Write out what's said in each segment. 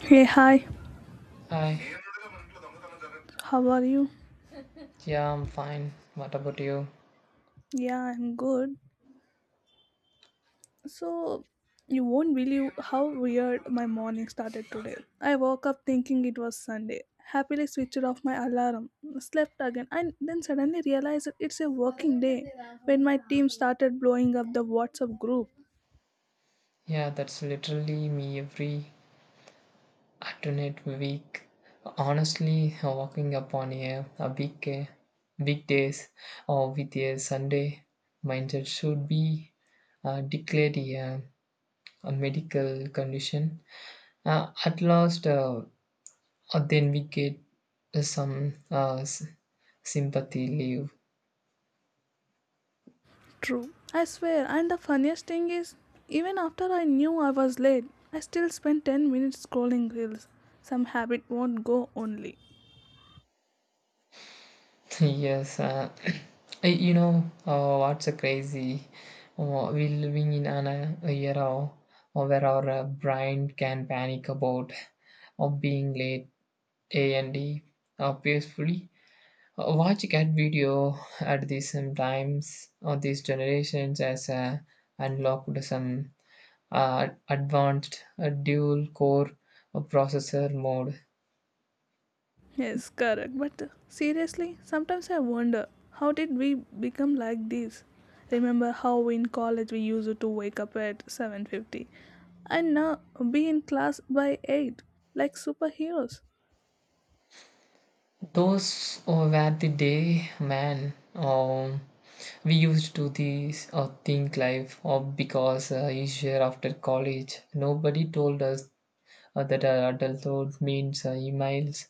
Hey, hi. Hi, How are you? yeah, I'm fine. What about you? Yeah, I'm good. So, you won't believe how weird my morning started today. I woke up thinking it was Sunday, happily switched off my alarm, slept again, and then suddenly realized that it's a working day when my team started blowing up the WhatsApp group. Yeah, that's literally me every alternate week. Honestly, walking up on a big weekdays or with a Sunday mindset should be declared a medical condition. At last, then we get some sympathy leave. True. I swear, and the funniest thing is, even after I knew I was late, I still spent 10 minutes scrolling reels. Some habit won't go only. Yes, you know what's a crazy? We're living in an a era where our brain can panic about of being late A and D peacefully. Watch cat video at the same times or these generations as unlocked some advanced dual core processor mode. Yes, correct. But seriously, sometimes I wonder how did we become like this? Remember how in college we used to wake up at 7:50 and now be in class by 8 like superheroes. Those were the day, man. We used to this think life because each year after college, nobody told us that adulthood means emails,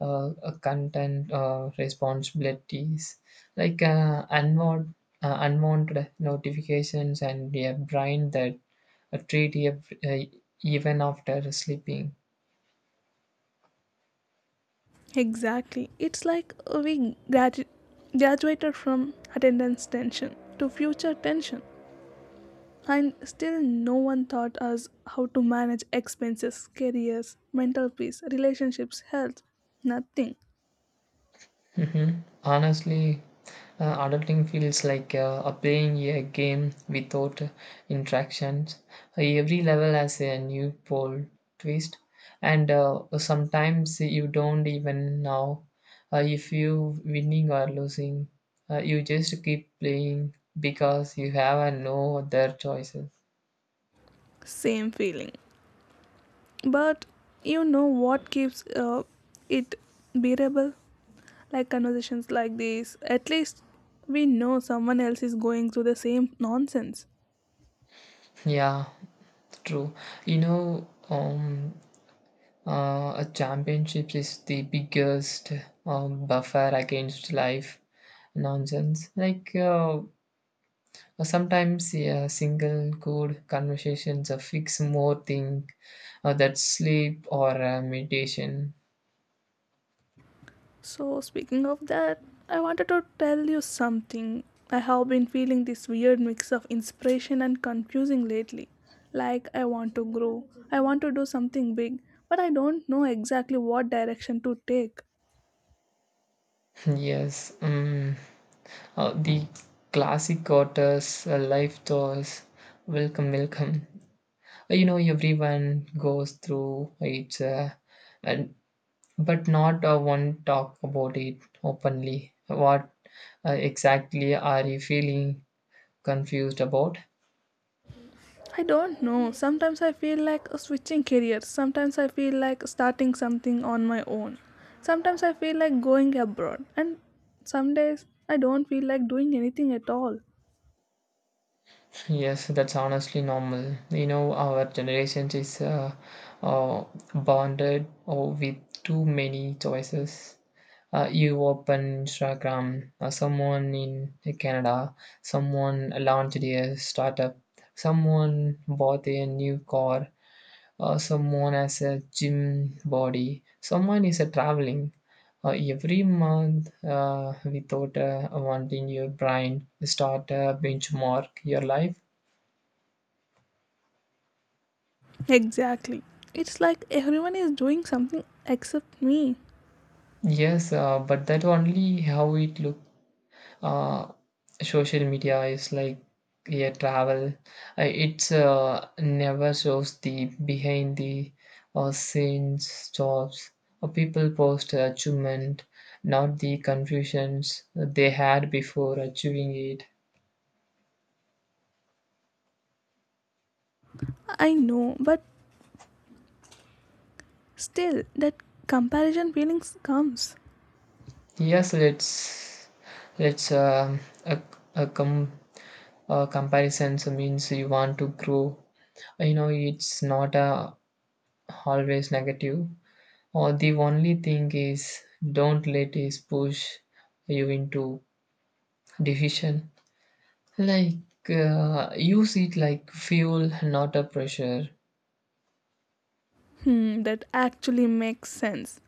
content responsibilities, like unwanted notifications, and a brain that treat you uh, even after sleeping. Exactly. It's like we gradu- graduated from attendance tension to future tension. And still, no one taught us how to manage expenses, careers, mental peace, relationships, health. Nothing. Hmm. Honestly, adulting feels like playing a game without interactions. Every level has a new pole twist, and sometimes you don't even know if you winning or losing. You just keep playing because you have no other choices. Same feeling. But you know what keeps it bearable? Like conversations like this. At least we know someone else is going through the same nonsense. Yeah, true. You know, um, a championship is the biggest buffer against life nonsense. Like, sometimes a single good conversations fix more thing that sleep or meditation. So, speaking of that, I wanted to tell you something. I have been feeling this weird mix of inspiration and confusing lately. Like, I want to grow, I want to do something big, but I don't know exactly what direction to take. Yes, the classic quarters, life thoughts. Welcome, welcome. You know, everyone goes through it, and but not one talk about it openly. What exactly are you feeling confused about? I don't know. Sometimes I feel like switching careers. Sometimes I feel like starting something on my own. Sometimes I feel like going abroad. And some days I don't feel like doing anything at all. Yes, that's honestly normal. You know, our generation is uh, bonded with too many choices. You open Instagram, someone in Canada, someone launched a startup, someone bought a new car, someone has a gym body, someone is a traveling every month without wanting your brain to start a benchmark your life. Exactly. It's like everyone is doing something except me. Yes, but that only how it looks. uh, social media is like a travel. It's never shows the behind the scenes jobs. People post achievement, not the confusions they had before achieving it. I know, but still, that comparison feelings comes. Yes, let's a com a comparison means you want to grow. You know, it's not always negative. Or the only thing is, don't let it push you into decision. Like, use it like fuel, not a pressure. Hmm, that actually makes sense.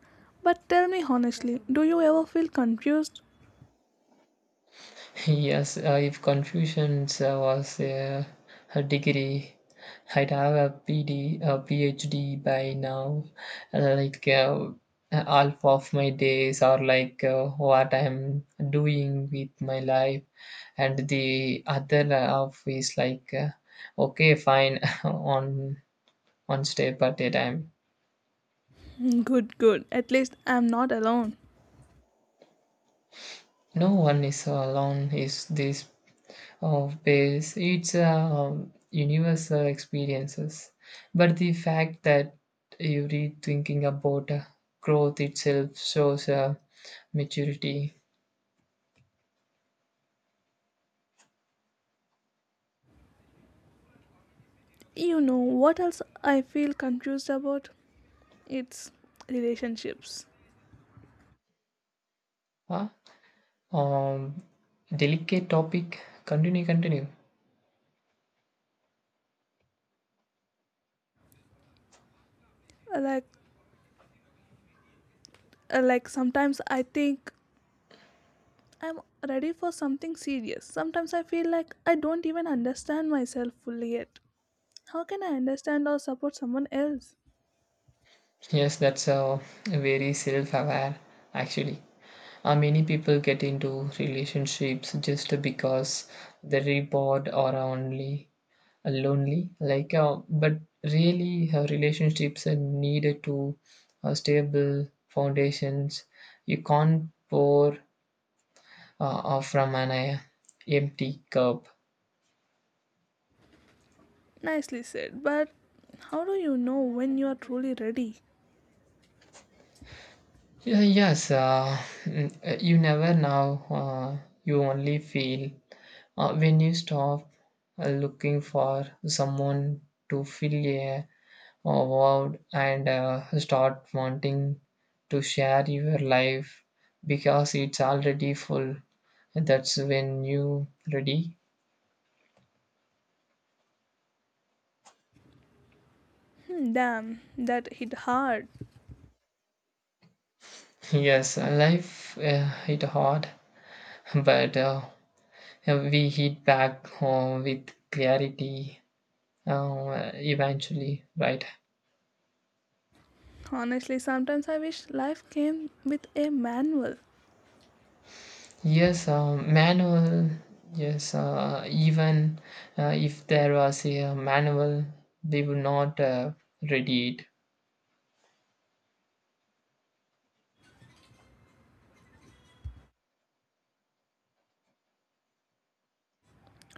But tell me honestly, do you ever feel confused? Yes, if confusion was a degree, I'd have a PhD by now. Like, half of my days are like, what I'm doing with my life, and the other half is like, okay, fine, on one step at a time. Hmm, good, good. At least I'm not alone. No one is alone. Is this of base it's a universal experiences, but the fact that you every thinking about growth itself shows maturity. You know what else I feel confused about? It's relationships. uh, um Delicate topic. Continue. Like like sometimes I think I'm ready for something serious. Sometimes I feel like I don't even understand myself fully yet. How can I understand or support someone else? Yes, that's very self-aware. Actually, many people get into relationships just because the reward or only lonely, like, but really relationships are needed to stable foundations. You can't pour from an empty cup. Nicely said, but how do you know when you are truly ready? Yeah, yes, you never know. You only feel when you stop looking for someone to fill a vowed, and start wanting to share your life because it's already full. That's when you ready. Hmm, damn, that hit hard. Yes, life hit hard. But we hit back home with clarity eventually, right? Honestly, sometimes I wish life came with a manual. Yes, manual. Yes, even if there was a manual, they would not read it.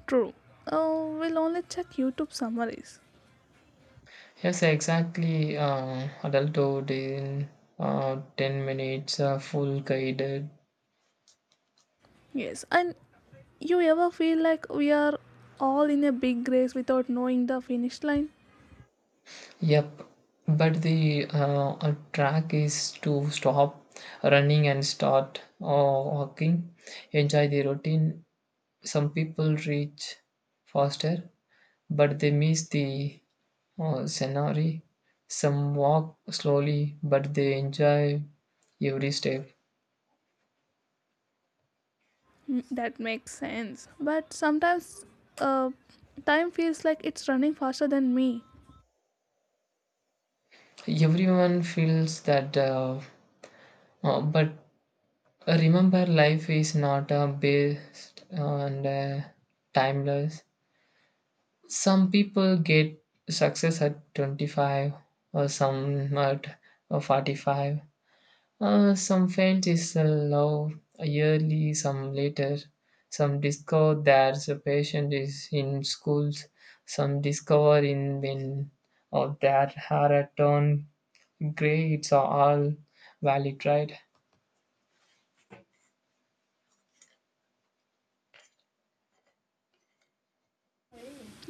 True. Oh, we'll only check YouTube summaries. Yes, exactly. Adulthood in 10 minutes, full guided. Yes, and you ever feel like we are all in a big race without knowing the finish line? Yep. But the a track is to stop running and start walking. Enjoy the routine. Some people reach faster, but they miss the scenery. Some walk slowly, but they enjoy every step. Mm, that makes sense. But sometimes uh, time feels like it's running faster than me. Everyone feels that, but remember, life is not based on timeless. Some people get success at 25, or some at 45. Some failed is low yearly, some later. Some discover that a patient is in schools. Some discover in when or that are at turn grades are all valid, right?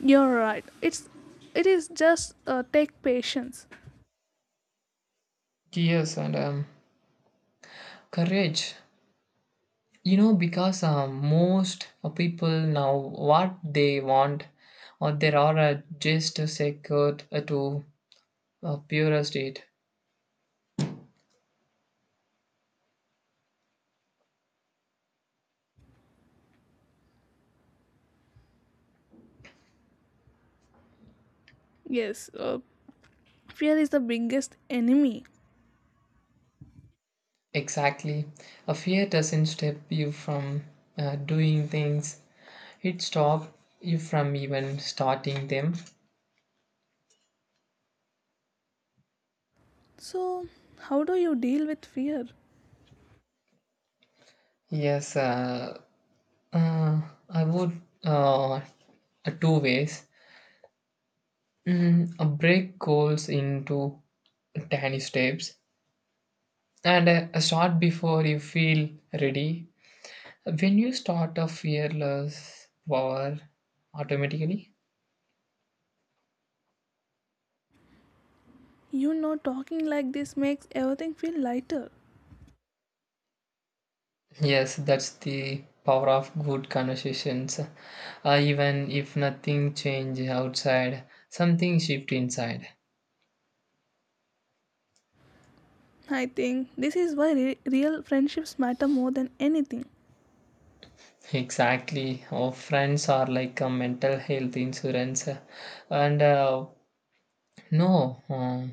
You're right. It is just take patience. Yes, and courage. You know, because most people now what they want, or there are just secured to a purer state. Yes, fear is the biggest enemy. Exactly, a fear doesn't stop you from doing things. It stops you from even starting them. So how do you deal with fear? Yes, uh, I would two ways. Break goals into tiny steps, and start before you feel ready. When you start a fearless power automatically, You know, talking like this makes everything feel lighter. yes, that's the power of good conversations. Even if nothing changes outside, something shift inside. I think this is why real friendships matter more than anything. Exactly. Our friends are like a mental health insurance. And no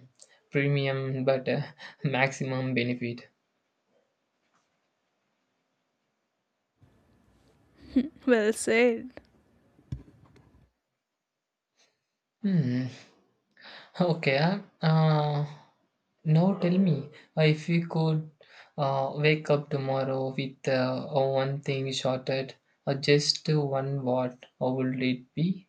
premium, but maximum benefit. Well said. Hmm. Okay, now tell me if you could wake up tomorrow with one thing shorted or just to one word, what would it be?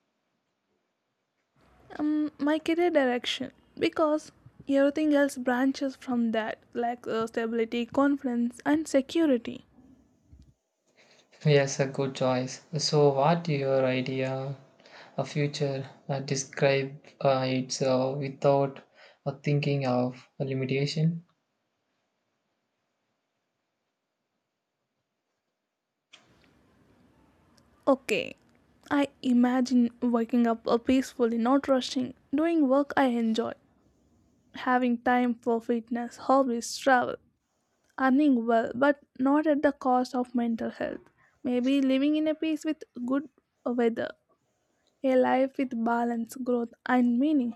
My career direction because everything else branches from that, like stability, confidence, and security. Yes, a good choice. So, what your idea, a future, describe it without thinking of a limitation? Okay, I imagine waking up peacefully, not rushing, doing work I enjoy, having time for fitness, hobbies, travel, earning well, but not at the cost of mental health. Maybe living in a peace with good weather, a life with balance, growth, and meaning.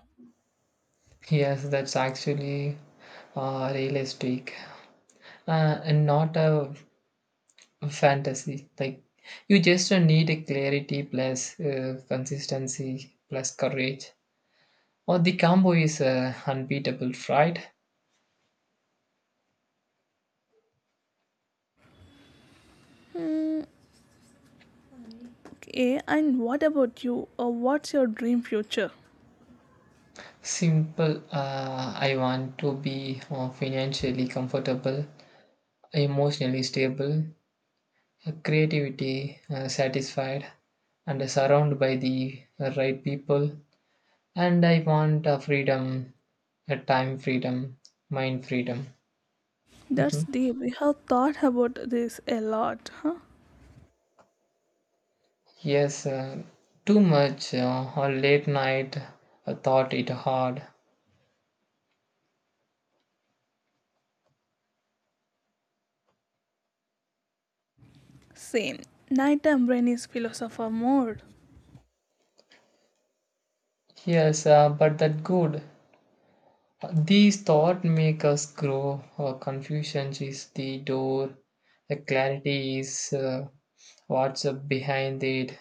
Yes, that's actually realistic, and not a fantasy. Like, you just need a clarity plus consistency plus courage, or the combo is unbeatable, right? Okay, and what about you? Or what's your dream future? Simple, I want to be financially comfortable, emotionally stable, creativity satisfied, and surrounded by the right people. And I want freedom. Time freedom, mind freedom. That's deep. We have thought about this a lot, huh? Yes, too much or late night thought it hard. Same. Nighttime brain is philosopher mode. Yes, but that good. These thought make us grow. Our confusion is the door. The clarity is what's up behind it,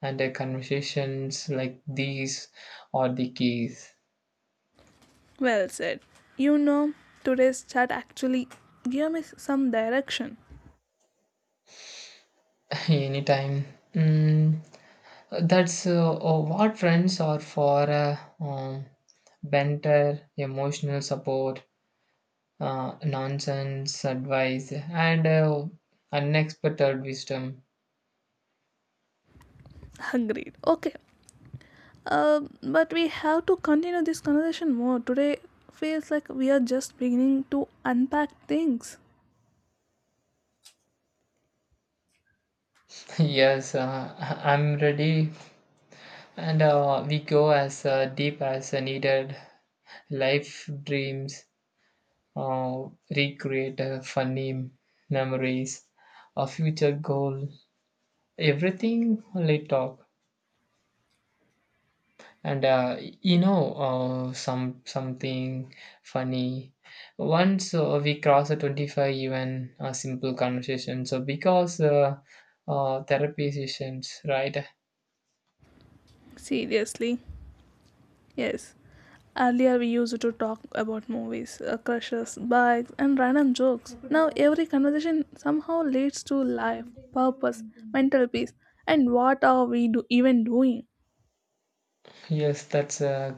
and the conversations like these are the keys. Well said. You know, today's chat actually gave me some direction. Anytime. Mm, that's what friends are for. Banter, emotional support, nonsense advice, and unexpected wisdom. Agreed. Okay. But we have to continue this conversation more. Today feels like we are just beginning to unpack things. Yes, I'm ready, and we go as deep as needed. Life dreams, uh, recreate funny memories, a future goal, everything. Let talk. And you know, something funny. Once we cross a 25, even a simple conversation. So, because therapy sessions, right? Seriously. Yes. Earlier, we used to talk about movies, crushes, bikes, and random jokes. Now, every conversation somehow leads to life, purpose, mental peace, and what are even doing? Yes, that's a,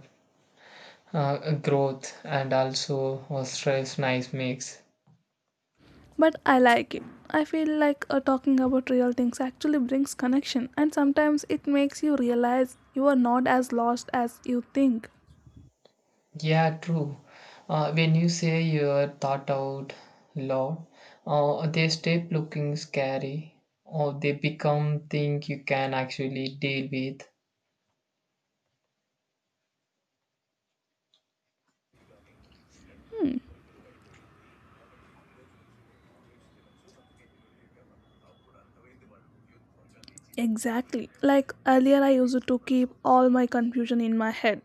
uh, a growth and also a stress nice mix. But I like it. I feel like talking about real things actually brings connection, and sometimes it makes you realize you are not as lost as you think. Yeah, true. When you say your thought out loud, they stop looking scary, or they become things you can actually deal with. Exactly. Like earlier, I used to keep all my confusion in my head,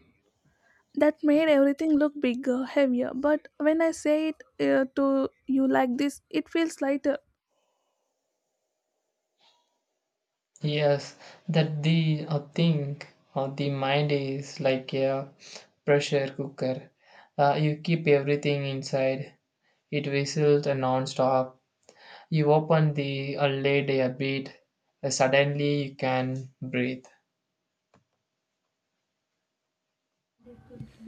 that made everything look bigger, heavier. But when I say it to you like this, it feels lighter. Yes, that the I think the mind is like a pressure cooker. You keep everything inside. It whistles non-stop. You open the lid a bit. Suddenly you can breathe.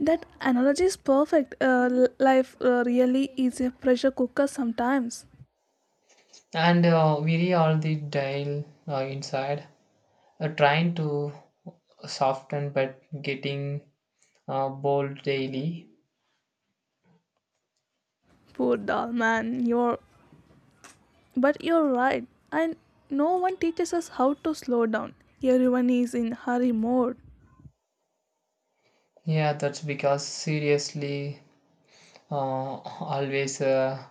That analogy is perfect. Life really is a pressure cooker sometimes. And weary all the dial inside, trying to soften but getting bold daily. Poor doll man, you're. But you're right. And no one teaches us how to slow down. Everyone is in hurry mode. Yeah, that's because, seriously, uh, always. Uh,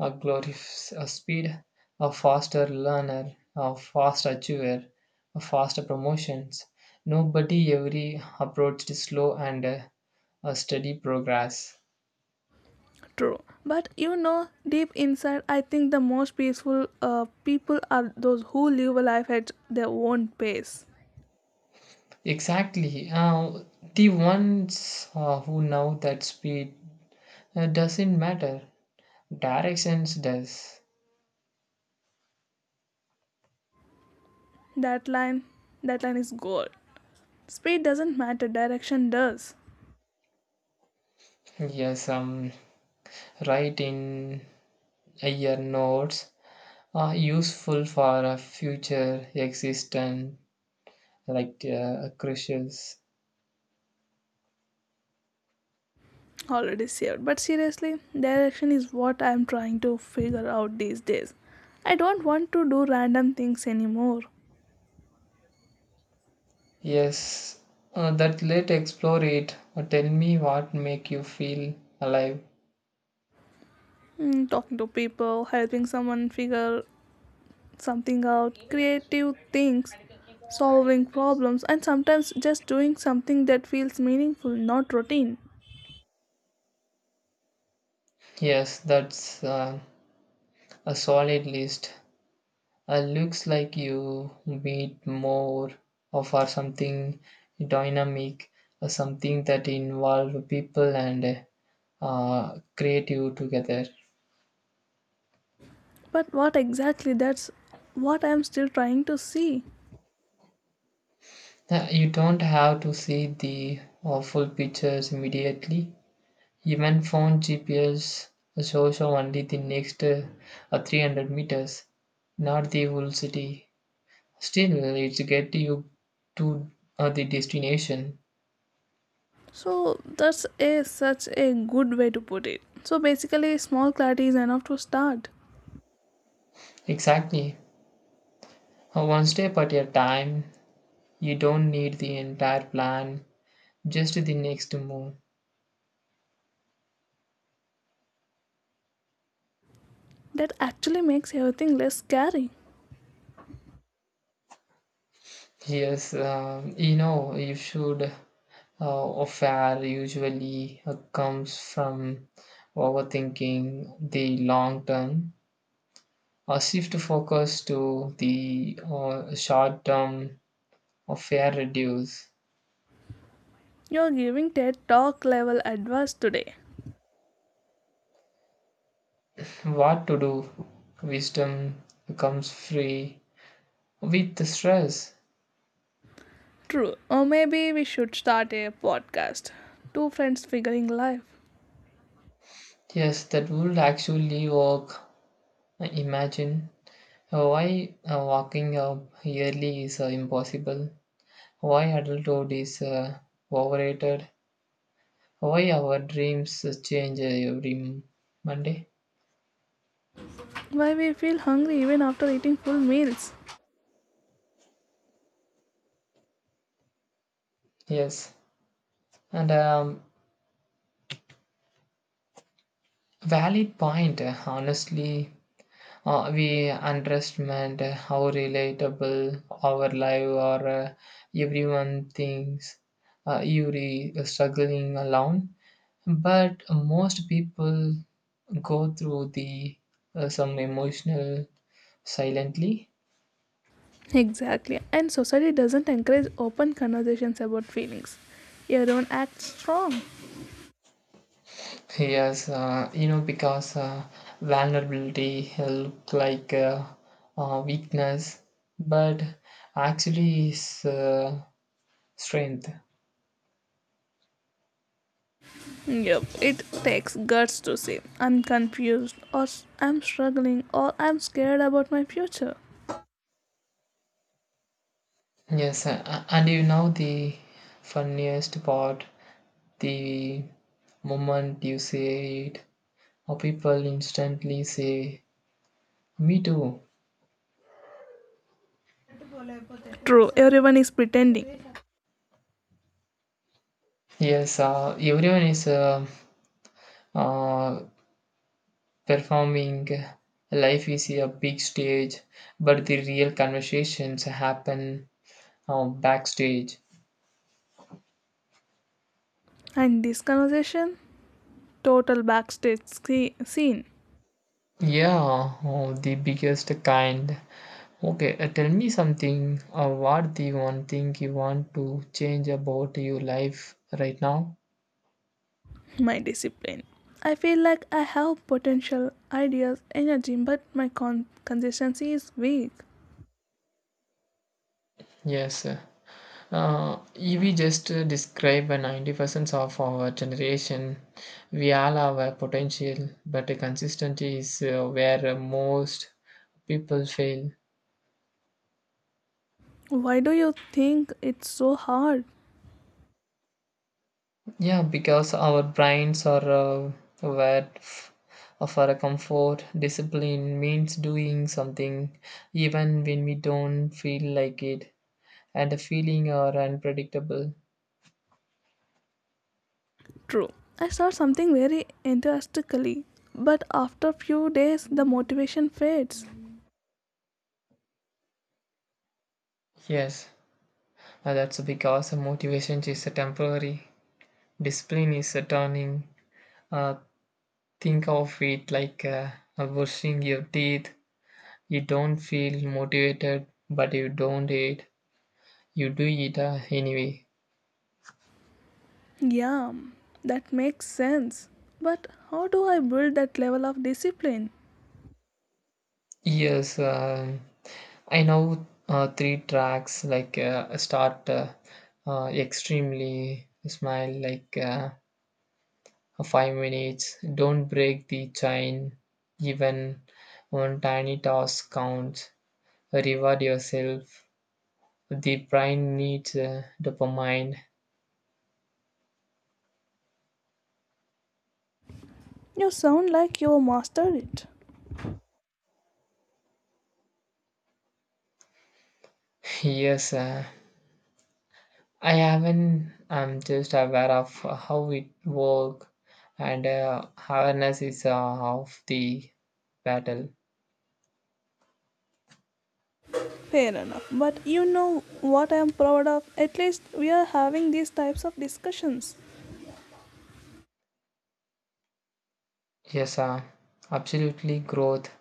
A glorifies a speed, a faster learner, a fast achiever, a faster promotions. Nobody ever approached slow and a steady progress. True. But you know, deep inside, I think the most peaceful people are those who live a life at their own pace. Exactly. The ones who know that speed doesn't matter. Directions does. That line, that line is gold. Speed doesn't matter, direction does. Yes, write in your notes are useful for a future existence, like, crucial. Already saved. But seriously, direction is what I'm trying to figure out these days. I don't want to do random things anymore. Yes, that let explore it. Tell me what make you feel alive. Mm, talking to people, helping someone figure something out, creative things, solving problems, and sometimes just doing something that feels meaningful, not routine. Yes, that's a solid list. Looks like you meet more of or something dynamic, or something that involve people and create you together. But what exactly? That's what I'm still trying to see. You don't have to see the full pictures immediately. Even phone GPS shows you only the next 300 meters, not the whole city. Still, it's get you to the destination. So that's a such a good way to put it. So basically small clarity is enough to start. Exactly. One step at a time. You don't need the entire plan, just the next move. That actually makes everything less scary. Yes, you should. A fare usually comes from overthinking the long term. Or shift focus to the short term, of fair reduce. You're giving TED talk level advice today. What to do? Wisdom becomes free with the stress. True. Or maybe we should start a podcast. Two friends figuring life. Yes, that would actually work. Imagine why walking up yearly is impossible. Why adulthood is overrated. Why our dreams change every Monday. Why we feel hungry even after eating full meals. Yes, and valid point. Honestly, we underestimate how relatable our life, or everyone thinks you're struggling alone, but most people go through the some emotional silently. Exactly. And society doesn't encourage open conversations about feelings. Everyone acts strong. Yes, you know, because vulnerability look like weakness, but actually is strength. Yep, it takes guts to say, I'm confused, or I'm struggling, or I'm scared about my future. Yes, and you know the funniest part, the moment you say it, or people instantly say, "Me too." True, everyone is pretending. Yes, everyone is uh, performing. Life is a big stage, but the real conversations happen backstage. And this conversation? Total backstage scene. Yeah, oh, the biggest kind. Okay, tell me something. What the one thing you want to change about your life right now? My discipline. I feel like I have potential, ideas, energy, but my consistency is weak. Yes. If we just describe a 90% of our generation. We all have a potential, but the consistency is where most people fail. Why do you think it's so hard? Yeah, because our brains are where for a comfort, discipline means doing something even when we don't feel like it. And the feeling are unpredictable. True. I start something very enthusiastically, but after few days the motivation fades. Yes, that's because motivation is a temporary, discipline is a turning. Uh, think of it like brushing your teeth. You don't feel motivated, but you don't eat. You do eat anyway. Yeah, that makes sense. But how do I build that level of discipline? Yes, I know three tracks, like start extremely smile like. Five minutes. Don't break the chain. Even one tiny task counts. Reward yourself. The brain needs dopamine. You sound like you mastered it. Yes, I haven't. I'm just aware of how it works, and awareness is half the battle. Fair enough. But you know what I am proud of? At least we are having these types of discussions. Yes, absolutely. Growth,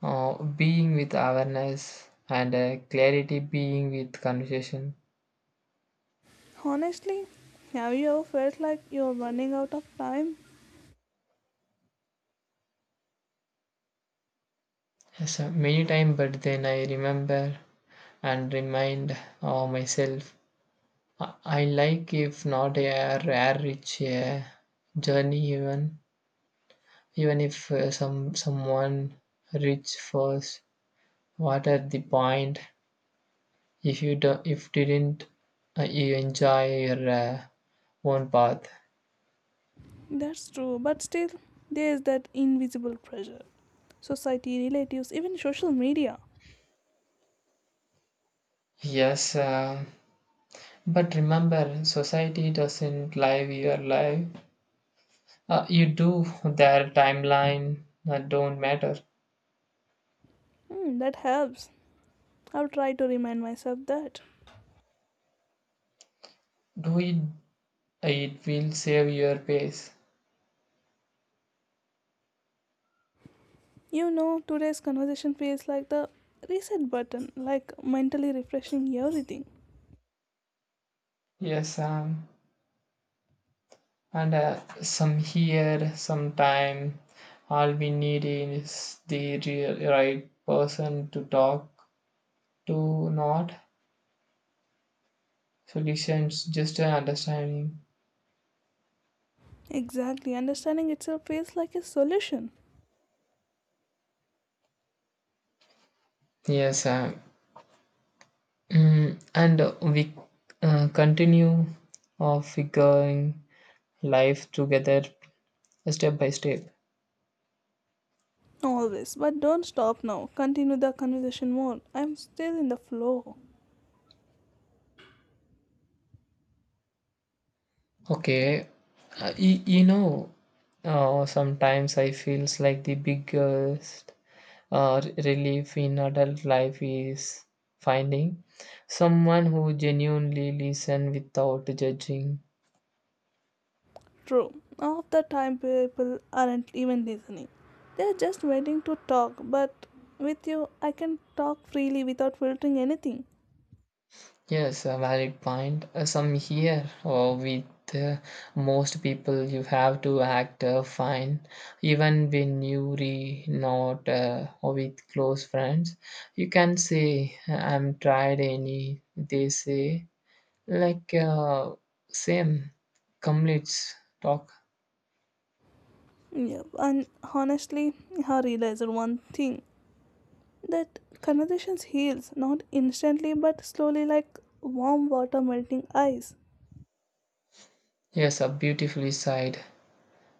being with awareness, and clarity, being with conversation. Honestly, have you ever felt like you're running out of time? So many times, but then I remember and remind myself. I like if not a rare rich journey, even if someone reach first. What at the point if you do, if didn't you enjoy your own path? That's true, but still, there is that invisible pressure society, relatives, even social media. Yes, but remember, society doesn't live your life. You do their timeline. That don't matter. Hmm, that helps. I'll try to remind myself that. Do it, it will save your pace. You know, today's conversation feels like the reset button, like mentally refreshing everything. Yes, and some here, some time. All we need is the real, right person to talk to, not solutions, just an understanding. Exactly, understanding itself feels like a solution. Yes, and we continue of figuring life together step by step. Always, but don't stop now. Continue the conversation more. I'm still in the flow. Okay, you know, sometimes I feels like the biggest relief in adult life is finding someone who genuinely listen without judging. True, half the time people aren't even listening. They're just waiting to talk, but with you, I can talk freely without filtering anything. Yes, a valid point. Some here or with uh, most people you have to act fine even when you re not, or with close friends you can say I'm tried. Any they say, like, same, complete talk. Yeah, and honestly, I realized one thing. That conversations heals not instantly but slowly, like warm water melting ice. Yes, beautifully said.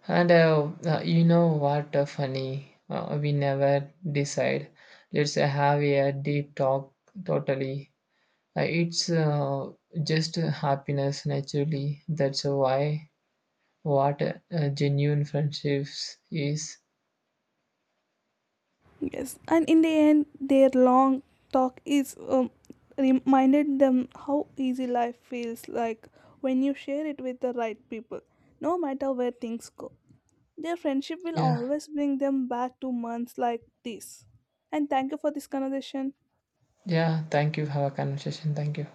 And you know what, funny, we never decide. Let's have a deep talk totally. It's just happiness naturally. That's why what genuine friendships is. Yes, and in the end their long talk is reminded them how easy life feels like when you share it with the right people. No matter where things go, their friendship will Yeah, always bring them back to months like this. And thank you for this conversation. yeah. Thank you. Have a conversation. Thank you.